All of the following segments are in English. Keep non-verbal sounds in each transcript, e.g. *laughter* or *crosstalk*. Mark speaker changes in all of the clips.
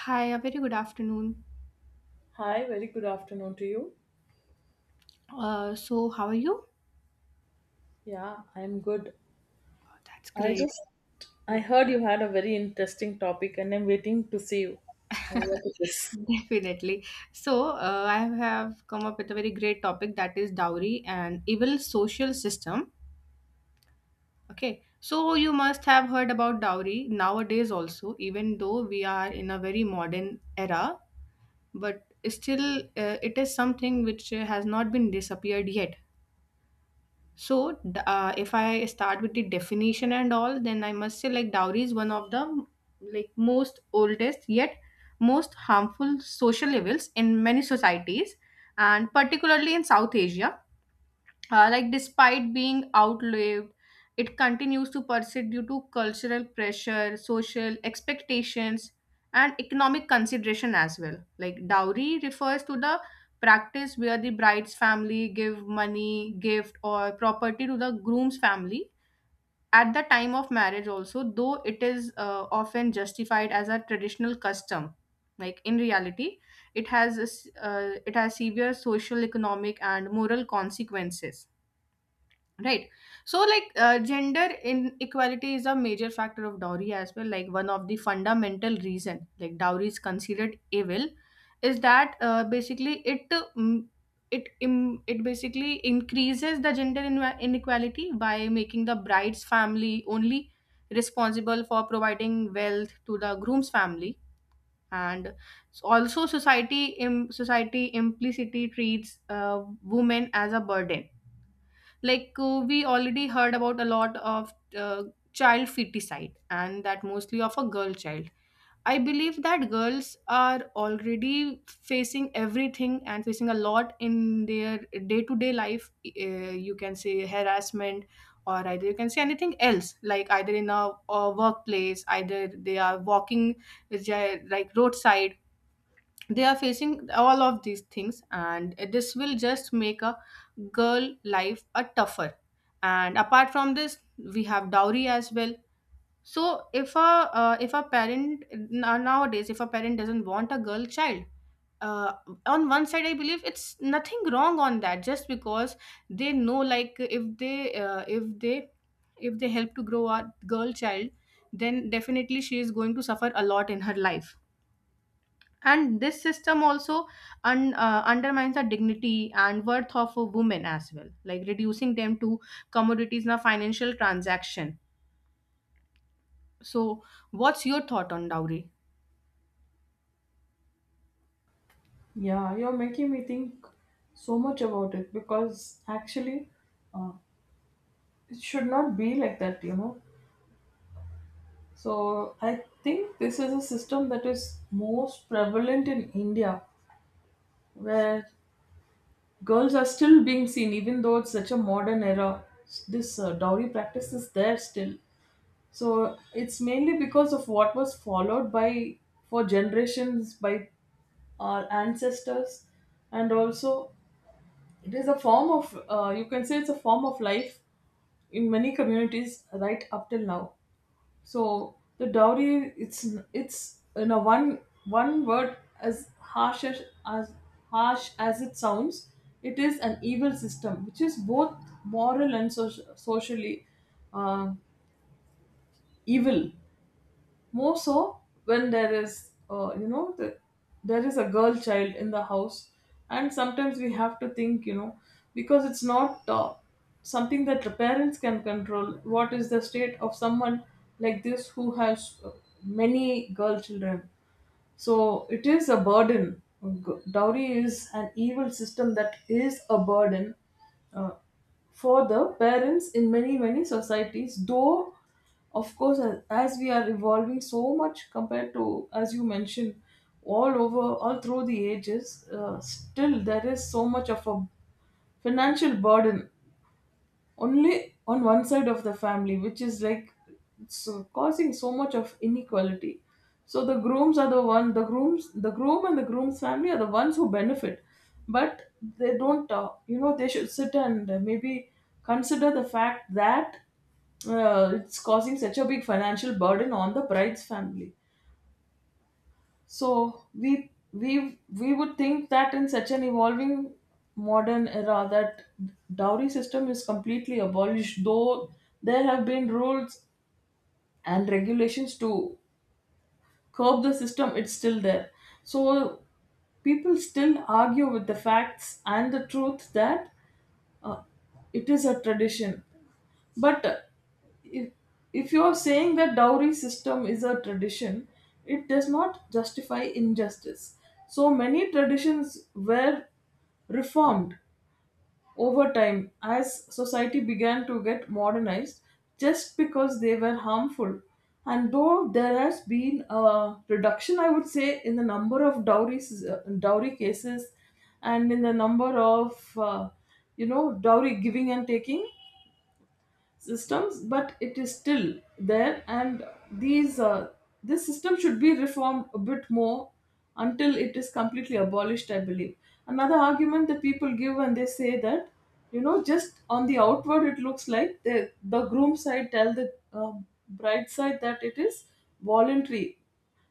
Speaker 1: Hi, a very good afternoon.
Speaker 2: Hi, very good afternoon to you.
Speaker 1: How are you?
Speaker 2: Yeah, I'm good.
Speaker 1: Oh, that's
Speaker 2: I
Speaker 1: great.
Speaker 2: just I
Speaker 1: Yeah,
Speaker 2: heard you had a very interesting topic and I'm waiting to see you.
Speaker 1: *laughs*
Speaker 2: What it is.
Speaker 1: definitely. So, I have come up with a very great topic, that is dowry and evil social system. Okay, so you must have heard about dowry nowadays also. Even though we are in a very modern era, but still, it is something which has not been disappeared yet. So, if I start with the definition and all, then I must say, like, dowry is one of the like most oldest yet most harmful social evils in many societies, and particularly in South Asia. Like, despite being outlived, it continues to persist due to cultural pressure, social expectations, and economic consideration as well. Like, dowry refers to the practice where the bride's family give money, gift, or property to the groom's family at the time of marriage also. Though it is often justified as a traditional custom, like, in reality, it has severe social, economic, and moral consequences, right? So, like, gender inequality is a major factor of dowry as well. Like, one of the fundamental reason, like, dowry is considered evil is that basically it mm, it im it basically increases the gender inequality by making the bride's family only responsible for providing wealth to the groom's family. And also, society implicitly treats women as a burden. Like, we already heard about a lot of child feticide, and that mostly of a girl child. I believe that girls are already facing everything and facing a lot in their day-to-day life. You can say harassment, or either you can say anything else. Like, either in a workplace, either they are walking like roadside, they are facing all of these things, and this will just make a girl life a tougher. And apart from this, we have dowry as well. So if a parent nowadays, if a parent doesn't want a girl child, uh, on one side I believe it's nothing wrong on that, just because they know, like, uh, if they if they help to grow a girl child, then definitely she is going to suffer a lot in her life. And this system also undermines the dignity and worth of a woman as well, like reducing them to commodities in a financial transaction. So, what's your thought on dowry?
Speaker 2: Yeah, you're making me think so much about it because actually, uh, it should not be like that, you know. So, I think this is a system that is most prevalent in India where girls are still being seen, even though it's such a modern era. This dowry practice is there still. So it's mainly because of what was followed by for generations by our ancestors, and also it is a form of you can say it's a form of life in many communities right up till now. So the dowry it's you know one word as harsh as harsh as it sounds, it is an evil system which is both moral and socially uh, evil, more so when there is you know there is a girl child in the house. And sometimes we have to think, you know, because it's not something that the parents can control. What is the state of someone like this who has many girl children? So it is a burden. Dowry is an evil system that is a burden for the parents in many many societies. Though of course as we are evolving so much compared to, as you mentioned, all over all through the ages, still there is so much of a financial burden only on one side of the family, which is like so causing so much of inequality. So the grooms are the one, the grooms, the groom and the groom's family are the ones who benefit, but they don't. You know, they should sit and maybe consider the fact that it's causing such a big financial burden on the bride's family. So we would think that in such an evolving modern era that dowry system is completely abolished, though there have been rules and regulations to curb the system, it's still there. So people still argue with the facts and the truth that uh, it is a tradition, but if, if you are saying that dowry system is a tradition, it does not justify injustice. So many traditions were reformed over time as society began to get modernized just because they were harmful. And though there has been a reduction, I would say, in the number of dowries, dowry cases and in the number of, you know, dowry giving and taking systems, but it is still there. And these this system should be reformed a bit more until it is completely abolished, I believe. Another argument that people give when they say that, you know, just on the outward it looks like the groom side tell the bride side that it is voluntary,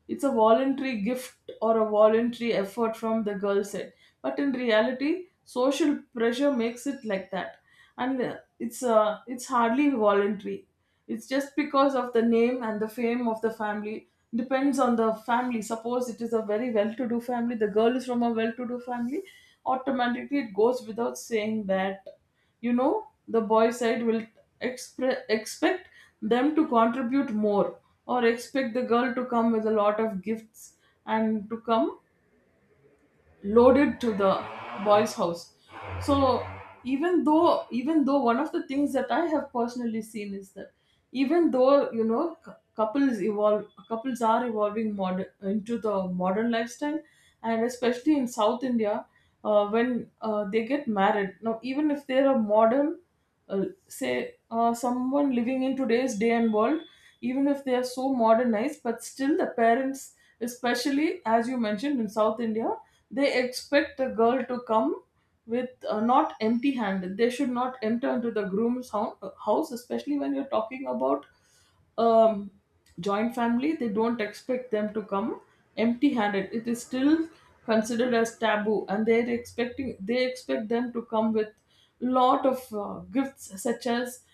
Speaker 2: it's a voluntary gift or a voluntary effort from the girl side. But in reality, social pressure makes it like that. And it's hardly voluntary. It's just because of the name and the fame of the family. Depends on the family. Suppose it is a very well to do family, the girl is from a well to do family, automatically it goes without saying that, you know, the boy side will expect them to contribute more or expect the girl to come with a lot of gifts and to come loaded to the boys house. So even though one of the things that I have personally seen is that even though, you know, couples evolve, couples are evolving modern into the modern lifestyle, and especially in South India, when they get married now, even if they're a modern say someone living in today's day and world, even if they are so modernized, but still the parents, especially as you mentioned, in South India, they expect the girl to come with, not empty handed. They should not enter into the groom's house, especially when you're talking about um, joint family, they don't expect them to come empty handed. It is still considered as taboo, and they're expecting, they expect them to come with lot of gifts, such as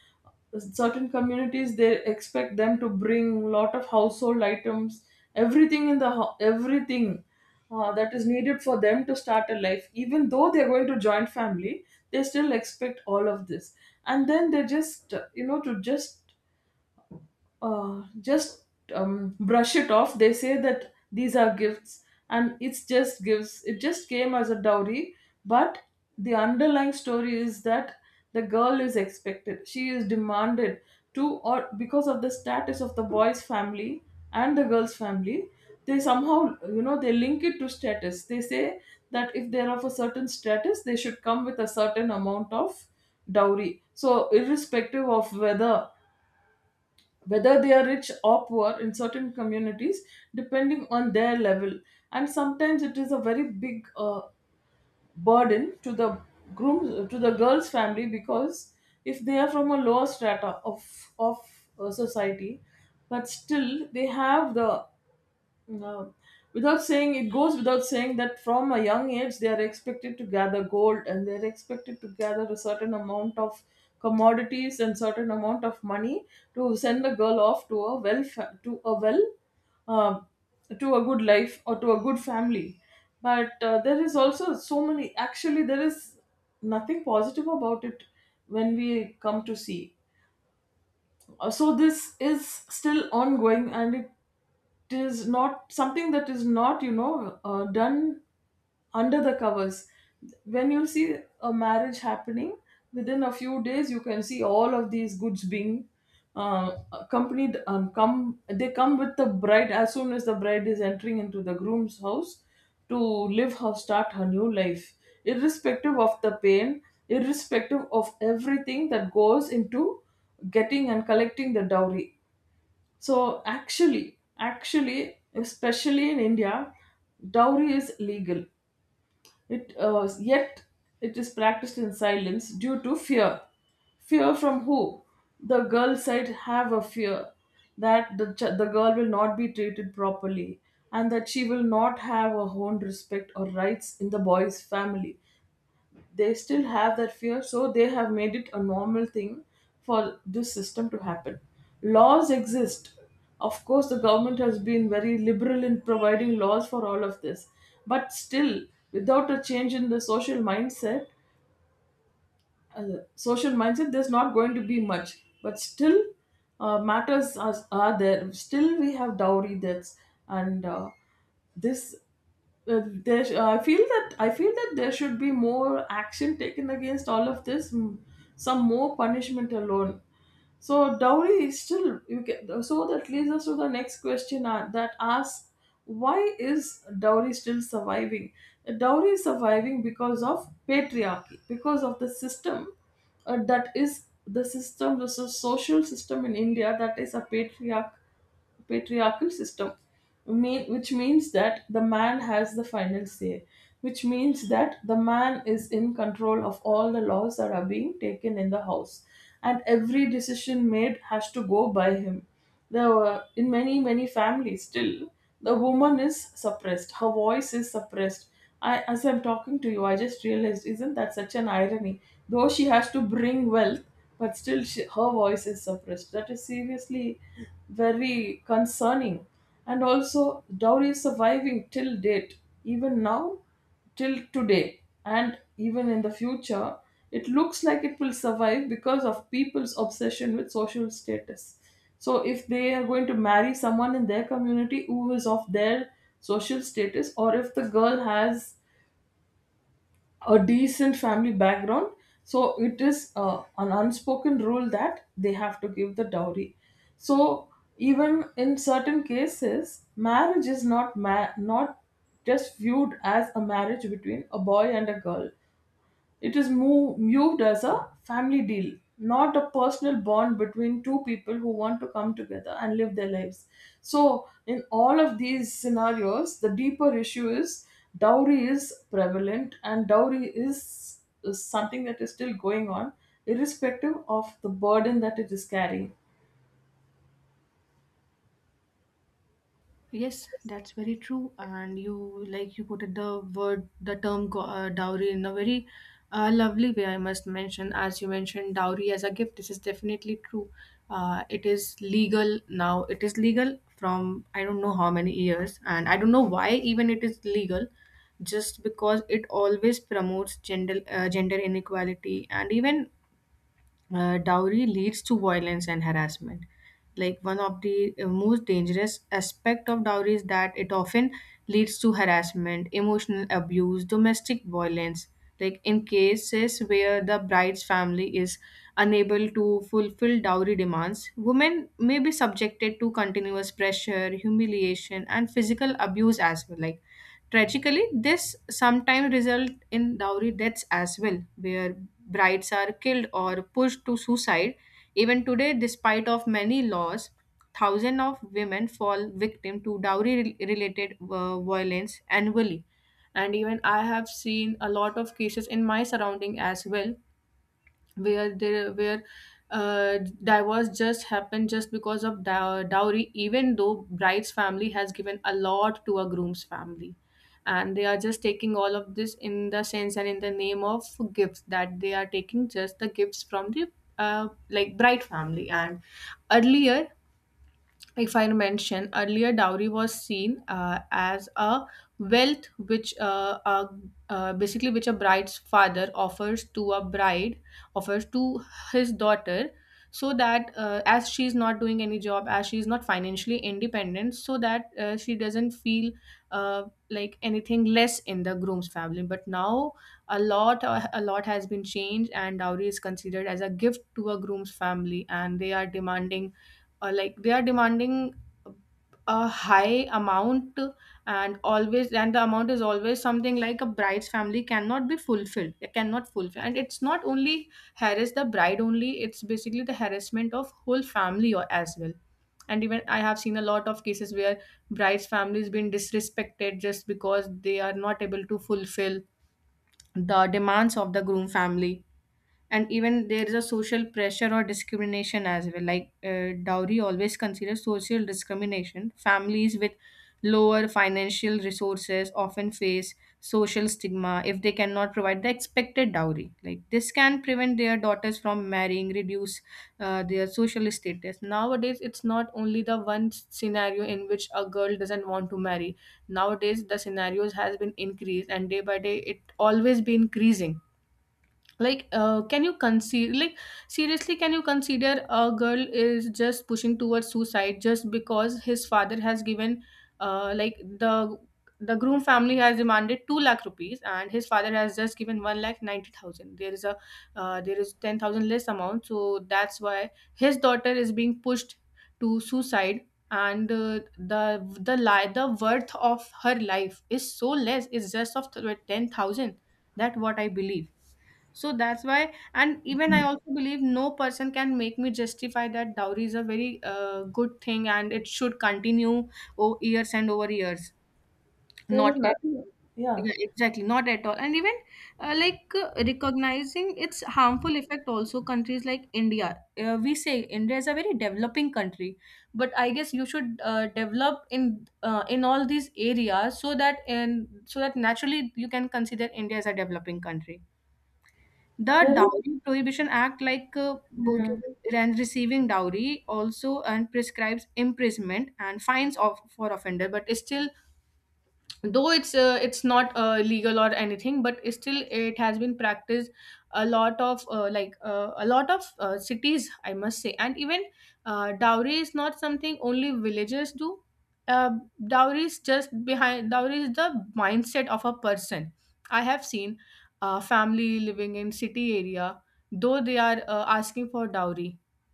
Speaker 2: certain communities they expect them to bring lot of household items, everything in the everything that is needed for them to start a life. Even though they're going to joint family, they still expect all of this. And then they just you know, to just brush it off. They say that these are gifts, and it's just gifts. It just came as a dowry, but the underlying story is that the girl is expected. She is demanded to, or because of the status of the boy's family and the girl's family, they somehow, you know, they link it to status. They say that if they're of a certain status, they should come with a certain amount of dowry. So irrespective of whether they are rich or poor in certain communities depending on their level. And sometimes it is a very big burden to the groom, to the girl's family, because if they are from a lower strata of of society, but still they have the no. Without saying, it goes without saying that from a young age they are expected to gather gold and they're expected to gather a certain amount of commodities and certain amount of money to send a girl off to a to a well um to a good life or to a good family. But there is also so many. Actually, there is nothing positive about it when we come to see. So this is still ongoing, and it is not something that is not, you know, done under the covers. When you see a marriage happening, within a few days you can see all of these goods being accompanied, come, they come with the bride as soon as the bride is entering into the groom's house to live her, start her new life, irrespective of the pain, irrespective of everything that goes into getting and collecting the dowry. So actually, especially in India, dowry is legal. It yet it is practiced in silence due to fear. Fear from who? The girl side have a fear that the girl will not be treated properly and that she will not have her own respect or rights in the boy's family. They still have that fear, so they have made it a normal thing for this system to happen. Laws exist, of course the government has been very liberal in providing laws for all of this, but still, without a change in the social mindset, social mindset, there's not going to be much, but still matters are there. Still we have dowry deaths, and this I feel that there should be more action taken against all of this, some more punishment alone. So dowry is still, you can, so that leads us to the next question, that asks, why is dowry still surviving? Dowry is surviving because of patriarchy, because of the system, that is the system, the social system in India, that is a patriarchal system, mean, which means that the man has the final say, which means that the man is in control of all the laws that are being taken in the house, and every decision made has to go by him. There were, in many, many families, still, the woman is suppressed, her voice is suppressed. I, as I'm talking to you, I just realized, isn't that such an irony? Though she has to bring wealth, but still she, her voice is suppressed. That is seriously very concerning. And also, dowry is surviving till date, even now, till today, and even in the future it looks like it will survive because of people's obsession with social status. So if they are going to marry someone in their community who is of their social status, or if the girl has a decent family background, so it is an unspoken rule that they have to give the dowry. So even in certain cases marriage is not not just viewed as a marriage between a boy and a girl, it is viewed as a family deal, not a personal bond between two people who want to come together and live their lives. So, in all of these scenarios, the deeper issue is dowry is prevalent, and dowry is something that is still going on, irrespective of the burden that it is carrying.
Speaker 1: Yes, that's very true. And you, like, you put it, the word, the term dowry in a very lovely way, I must mention. As you mentioned, dowry as a gift, this is definitely true. It is legal now. It is legal from I don't know how many years, and I don't know why even it is legal, just because it always promotes gender gender inequality. And even dowry leads to violence and harassment. Like, one of the most dangerous aspect of dowry is that it often leads to harassment, emotional abuse, domestic violence. Like, in cases where the bride's family is unable to fulfill dowry demands, women may be subjected to continuous pressure, humiliation, and physical abuse as well. Like, tragically, this sometimes result in dowry deaths as well, where brides are killed or pushed to suicide. Even today, despite of many laws, thousands of women fall victim to dowry-related violence annually. And even I have seen a lot of cases in my surrounding as well, where there where divorce just happened just because of dowry, even though bride's family has given a lot to a groom's family, and they are just taking all of this in the sense and in the name of gifts that they are taking, just the gifts from the like bride family. And earlier, if I mention earlier, dowry was seen as a wealth which basically which a bride's father offers to a bride, offers to his daughter, so that as she's not doing any job, as she's not financially independent, so that she doesn't feel uh, like anything less in the groom's family. But now a lot has been changed, and dowry is considered as a gift to a groom's family, and they are demanding uh, like they are demanding a high amount. And always, and the amount is always something like a bride's family cannot be fulfilled. It cannot fulfill. And it's not only harass the bride only, it's basically the harassment of whole family or as well. And even I have seen a lot of cases where bride's family has been disrespected just because they are not able to fulfill the demands of the groom family. And even there is a social pressure or discrimination as well. Like, dowry always considers social discrimination. Families with lower financial resources often face social stigma if they cannot provide the expected dowry. Like, this can prevent their daughters from marrying, reduce their social status. Nowadays it's not only the one scenario in which a girl doesn't want to marry. Nowadays the scenarios has been increased, and day by day it always be increasing. Like, can you consider, like, seriously, can you consider a girl is just pushing towards suicide just because his father has given, uh, like the the groom family has demanded 2 lakh rupees and his father has just given 1 lakh 90,000. There is a, there is 10,000 less amount, so that's why his daughter is being pushed to suicide. And the worth of her life is so less, it's just of 10,000. That what I believe. So that's why, and even I also believe no person can make me justify that dowry is a very good thing and it should continue over years and over years.
Speaker 2: There
Speaker 1: Not
Speaker 2: is
Speaker 1: at,
Speaker 2: nothing, yeah.
Speaker 1: yeah, exactly, not at all. And even recognizing its harmful effect also, countries like India. We say India is a very developing country, but I guess you should develop in all these areas so that, and so that naturally you can consider India as a developing country. The
Speaker 2: There is,
Speaker 1: Dowry Prohibition Act, like, giving and receiving dowry, also and prescribes imprisonment and fines of for offender. But still, though it's not legal or anything, but still it has been practiced a lot of a lot of cities, I must say. And even dowry is not something only villagers do. uh, Dowry is just behind dowry is the mindset of a person. I have seen a family living in city area, though they are asking for dowry.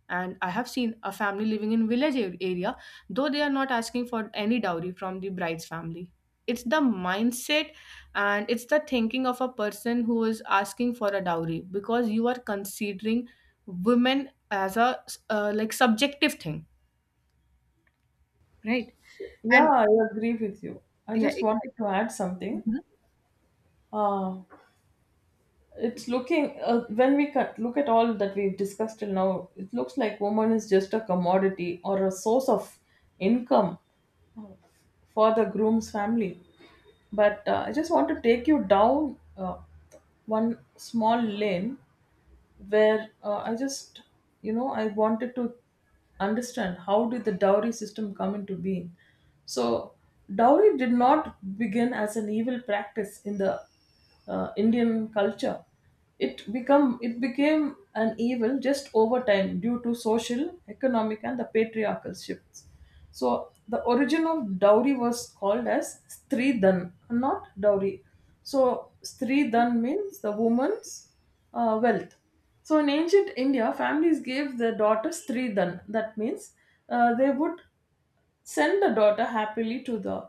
Speaker 1: And I have seen a family living in village area, though they are not asking for any dowry from the bride's family. It's the mindset, and it's the thinking of a person who is asking for a dowry, because you are considering women as a like subjective thing, right?
Speaker 2: yeah,
Speaker 1: And
Speaker 2: I agree with you. I
Speaker 1: yeah,
Speaker 2: just
Speaker 1: it,
Speaker 2: wanted to add something.
Speaker 1: mhm.
Speaker 2: Uh, It's looking when we cut, look at all that we've discussed till now. It looks like woman is just a commodity or a source of income for the groom's family. But I just want to take you down one small lane where I just, you know, I wanted to understand how did the dowry system come into being. So, dowry did not begin as an evil practice in the Indian culture. It became an evil just over time due to social, economic, and the patriarchal shifts. So the origin of dowry was called as Sridhan, not dowry. So Sridhan means the woman's wealth. So in ancient India, families gave their daughters tridhan. That means they would send the daughter happily to the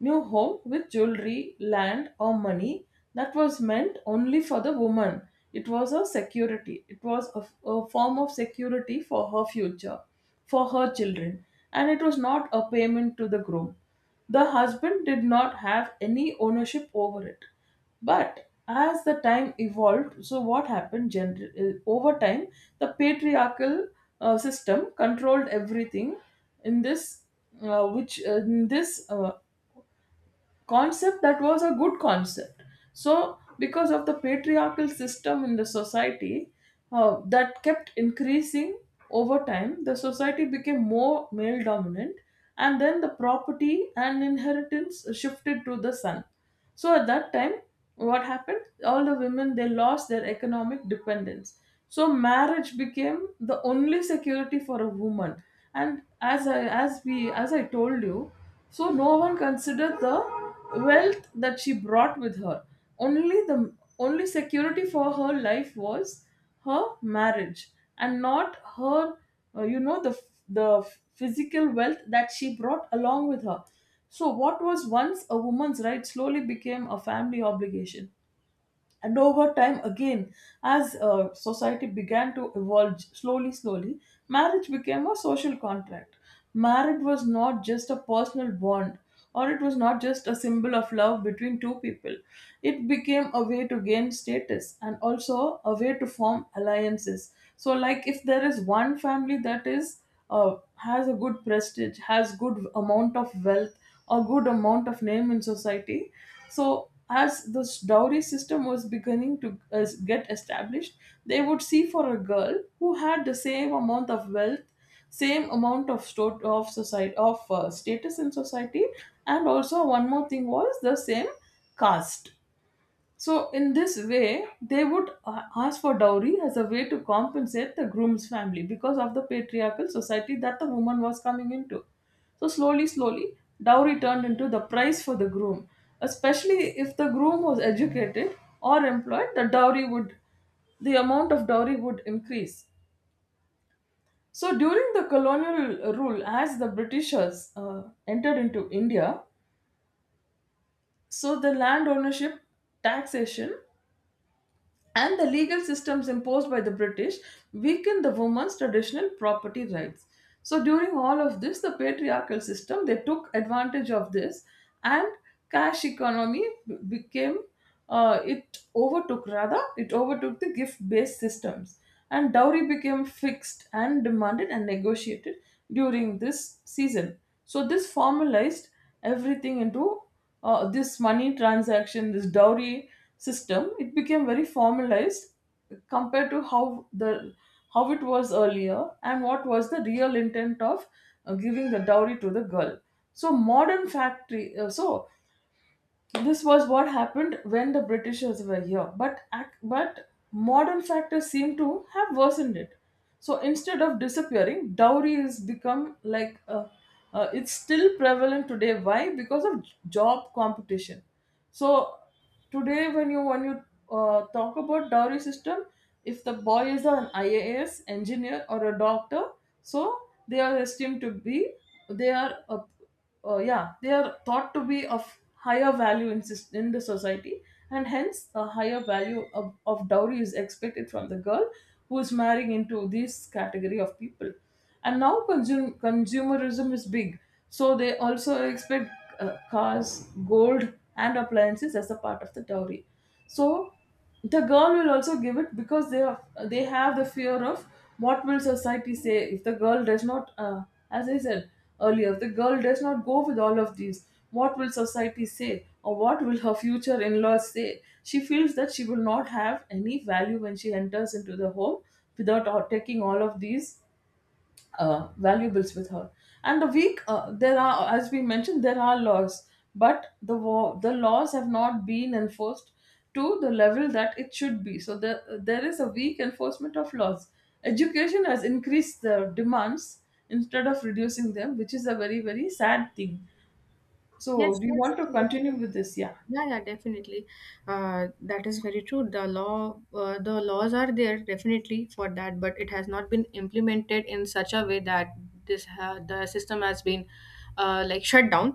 Speaker 2: new home with jewelry, land, or money that was meant only for the woman. It was a security. It was a form of security for her future, for her children, and it was not a payment to the groom. The husband did not have any ownership over it. But as the time evolved, so what happened over time, the patriarchal system controlled everything in this, in this concept that was a good concept. So, because of the patriarchal system in the society that kept increasing over time, the society became more male dominant, and then the property and inheritance shifted to the son. So at that time, what happened? All the women they lost their economic dependence. So marriage became the only security for a woman. And as I told you, so no one considered the wealth that she brought with her. Only security for her life was her marriage and not her you know the physical wealth that she brought along with her. So, what was once a woman's right slowly became a family obligation. And over time, again, as society began to evolve slowly, slowly, marriage became a social contract. Marriage was not just a personal bond, or it was not just a symbol of love between two people. It became a way to gain status and also a way to form alliances. So, like if there is one family that is has a good prestige, has good amount of wealth, a good amount of name in society, so as this dowry system was beginning to get established, they would see for a girl who had the same amount of wealth, same amount of sto- of society of status in society, and also one more thing was the same caste. So, in this way, they would ask for dowry as a way to compensate the groom's family because of the patriarchal society that the woman was coming into. So, slowly, slowly, dowry turned into the price for the groom. Especially if the groom was educated or employed, the amount of dowry would increase. So, during the colonial rule, as the Britishers entered into India, so the land ownership, taxation, and the legal systems imposed by the British weakened the woman's traditional property rights. So during all of this, the patriarchal system they took advantage of this, and cash economy b- became it overtook rather it overtook the gift-based systems, and dowry became fixed and demanded and negotiated during this season. So this formalized everything into this money transaction. This dowry system, it became very formalized compared to how it was earlier and what was the real intent of giving the dowry to the girl. So so this was what happened when the Britishers were here, but modern factors seem to have worsened it. So instead of disappearing, dowry has become like a, it's still prevalent today. Why? Because of job competition. So today, when you talk about dowry system, if the boy is an IAS engineer or a doctor, so they are esteemed to be, they are yeah, they are thought to be of higher value in the society, and hence a higher value of dowry is expected from the girl who is marrying into this category of people. And now consumerism is big, so they also expect cars, gold, and appliances as a part of the dowry. So the girl will also give it because they have the fear of what will society say if the girl does not, as I said earlier, if the girl does not go with all of these, what will society say or what will her future in-laws say. She feels that she will not have any value when she enters into the home without taking all of these valuables with her. And there are, as we mentioned, there are laws, but the laws have not been enforced to the level that it should be. So there is a weak enforcement of laws. Education has increased the demands instead of reducing them, which is a very, very sad thing. So,
Speaker 1: Yes,
Speaker 2: do you want to
Speaker 1: definitely.
Speaker 2: continue with this? Yeah.
Speaker 1: Yeah, yeah, definitely. That is very true. The law, the laws are there definitely for that, but it has not been implemented in such a way that this ha the system has been like shut down.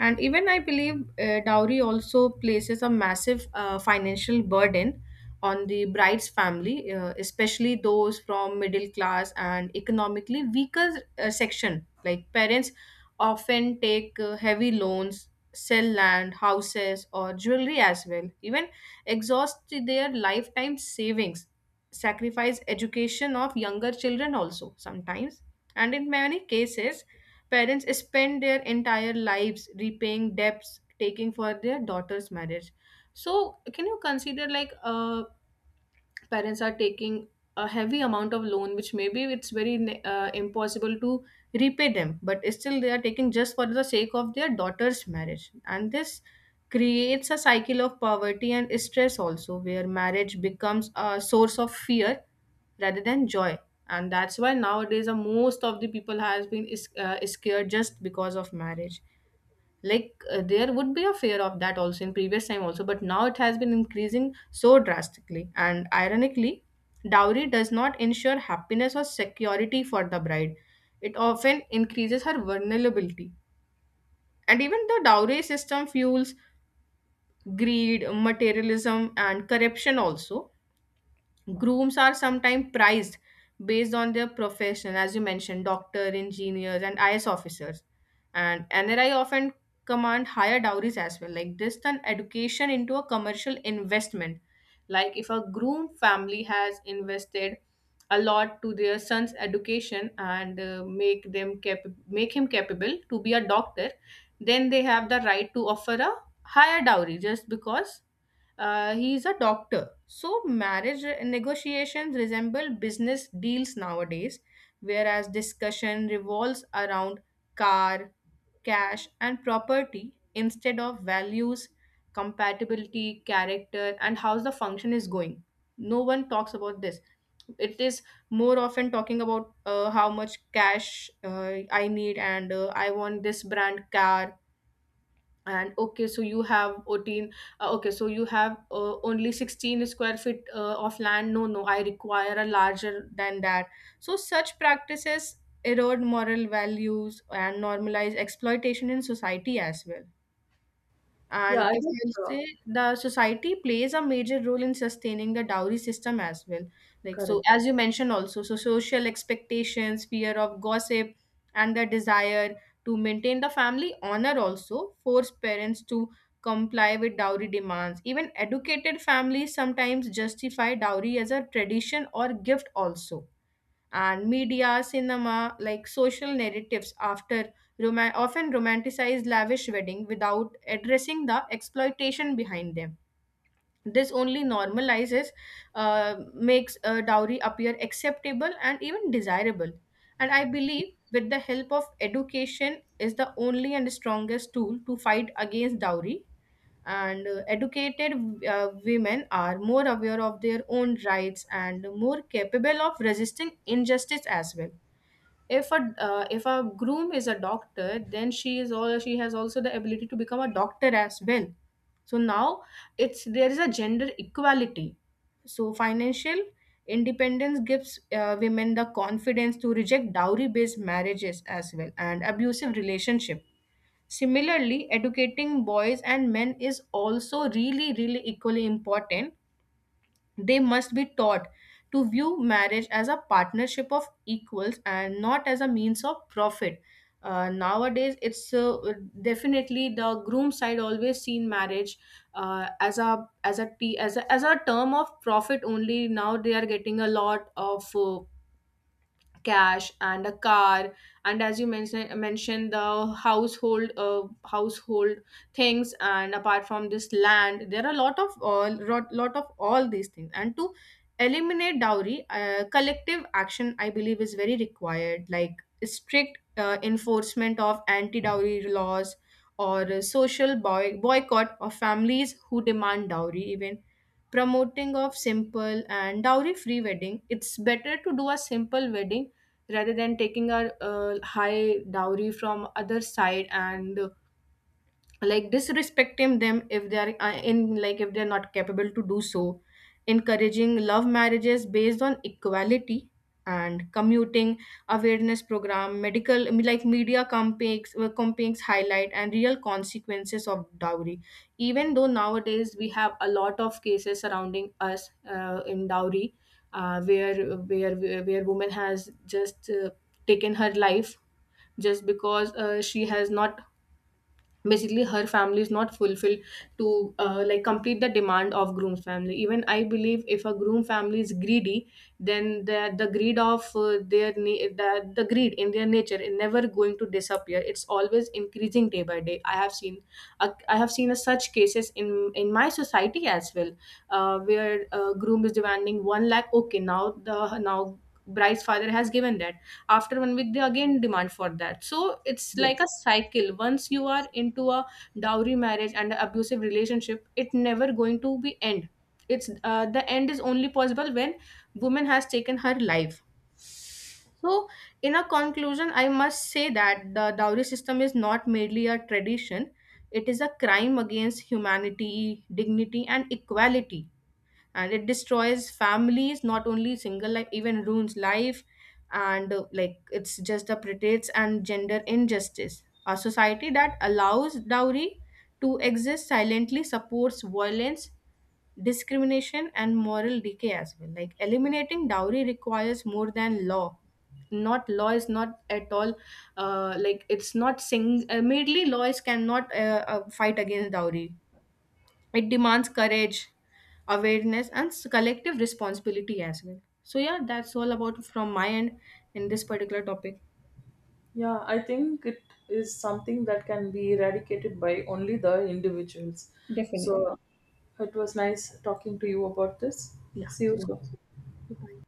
Speaker 1: And even I believe dowry also places a massive financial burden on the bride's family, especially those from middle class and economically weaker section. Like, parents often take heavy loans, sell land, houses, or jewelry as well, even exhaust their lifetime savings, sacrifice education of younger children also sometimes. And in many cases, parents spend their entire lives repaying debts taking for their daughter's marriage. So, can you consider, like, parents are taking a heavy amount of loan which maybe it's very impossible to repay them, but still they are taking just for the sake of their daughter's marriage. And this creates a cycle of poverty and stress also, where marriage becomes a source of fear rather than joy. And that's why nowadays most of the people has been is, scared just because of marriage. Like, there would be a fear of that also in previous time also, but now it has been increasing so drastically. And ironically, dowry does not ensure happiness or security for the bride, it often increases her vulnerability. And even the dowry system fuels greed, materialism, and corruption also. Grooms are sometimes prized based on their profession, as you mentioned, doctor, engineers, and IS officers. And NRI often command higher dowries as well. Like, this turn education into a commercial investment. Like, if a groom family has invested a lot to their son's education and make them make him capable to be a doctor, then they have the right to offer a higher dowry just because he is a doctor. So, marriage negotiations resemble business deals nowadays, whereas discussion revolves around car, cash, and property instead of values, compatibility, character, and how the function is going. No one talks about this. It is more often talking about how much cash I need and I want this brand car and okay, so you have 14 okay, so you have only 16 square feet of land. No, no, I require a larger than that. So such practices erode moral values and normalize exploitation in society as well.
Speaker 2: Yeah,
Speaker 1: And
Speaker 2: I
Speaker 1: if
Speaker 2: think
Speaker 1: I
Speaker 2: uh,
Speaker 1: say, the society plays a major role in sustaining the dowry system as well. Like so,
Speaker 2: correct.
Speaker 1: as you mentioned also, so social expectations, fear of gossip, and the desire to maintain the family honor also force parents to comply with dowry demands. Even educated families sometimes justify dowry as a tradition or gift also, and media, cinema, like social narratives after often romanticize lavish wedding without addressing the exploitation behind them. This only normalizes, makes a dowry appear acceptable and even desirable. And I believe with the help of education is the only and strongest tool to fight against dowry. And educated women are more aware of their own rights and more capable of resisting injustice as well. If a if a groom is a doctor, then she is all, she has also the ability to become a doctor as well. So now it's there is a gender equality. So financial independence gives women the confidence to reject dowry based marriages as well and abusive relationship. Similarly, educating boys and men is also really really equally important. They must be taught to view marriage as a partnership of equals and not as a means of profit. Nowadays, it's definitely the groom side always seen marriage as a as a term of profit only. Now they are getting a lot of cash and a car, and as you mentioned the household household things, and apart from this land, there are a lot of all lot of all these things. And to eliminate dowry, collective action, I believe, is very required, like strict enforcement of anti dowry laws or a social boycott of families who demand dowry, even promoting of simple and dowry free wedding. It's better to do a simple wedding rather than taking a high dowry from other side and like disrespecting them if they are in, like if they're not capable to do so. Encouraging love marriages based on equality and commuting awareness program medical, I mean, like media campaigns campaigns highlight and real consequences of dowry. Even though nowadays we have a lot of cases surrounding us in dowry, where where woman has just taken her life just because she has not, basically her family is not fulfilled to like complete the demand of groom family. Even I believe if a groom family is greedy, then the greed of their the greed in their nature is never going to disappear. It's always increasing day by day. I have seen I have seen a such cases in my society as well. Where groom is demanding 1 lakh. Okay, now the now bride's father has given that. After 1 week, they again demand for that. So it's like a
Speaker 2: Yes.
Speaker 1: cycle. Once you are into a dowry marriage and an abusive relationship, it never going to be end. It's the end is only possible when woman has taken her life. So in a conclusion, I must say that the dowry system is not merely a tradition. It is a crime against humanity, dignity, and equality. And it destroys families, not only single life, even ruins life. And like it's just the predates and gender injustice. A society that allows dowry to exist silently supports violence, discrimination, and moral decay as well. Like eliminating dowry requires more than law. Not law is not at all like it's not sing laws cannot fight against dowry. It demands courage, awareness, and collective responsibility as well. So, yeah, that's all about from my end in this particular topic.
Speaker 2: Yeah, I think it is something that can be eradicated by only the individuals.
Speaker 1: Definitely.
Speaker 2: So it was nice talking to you about this.
Speaker 1: Yeah.
Speaker 2: See you
Speaker 1: So,
Speaker 2: soon.
Speaker 1: bye.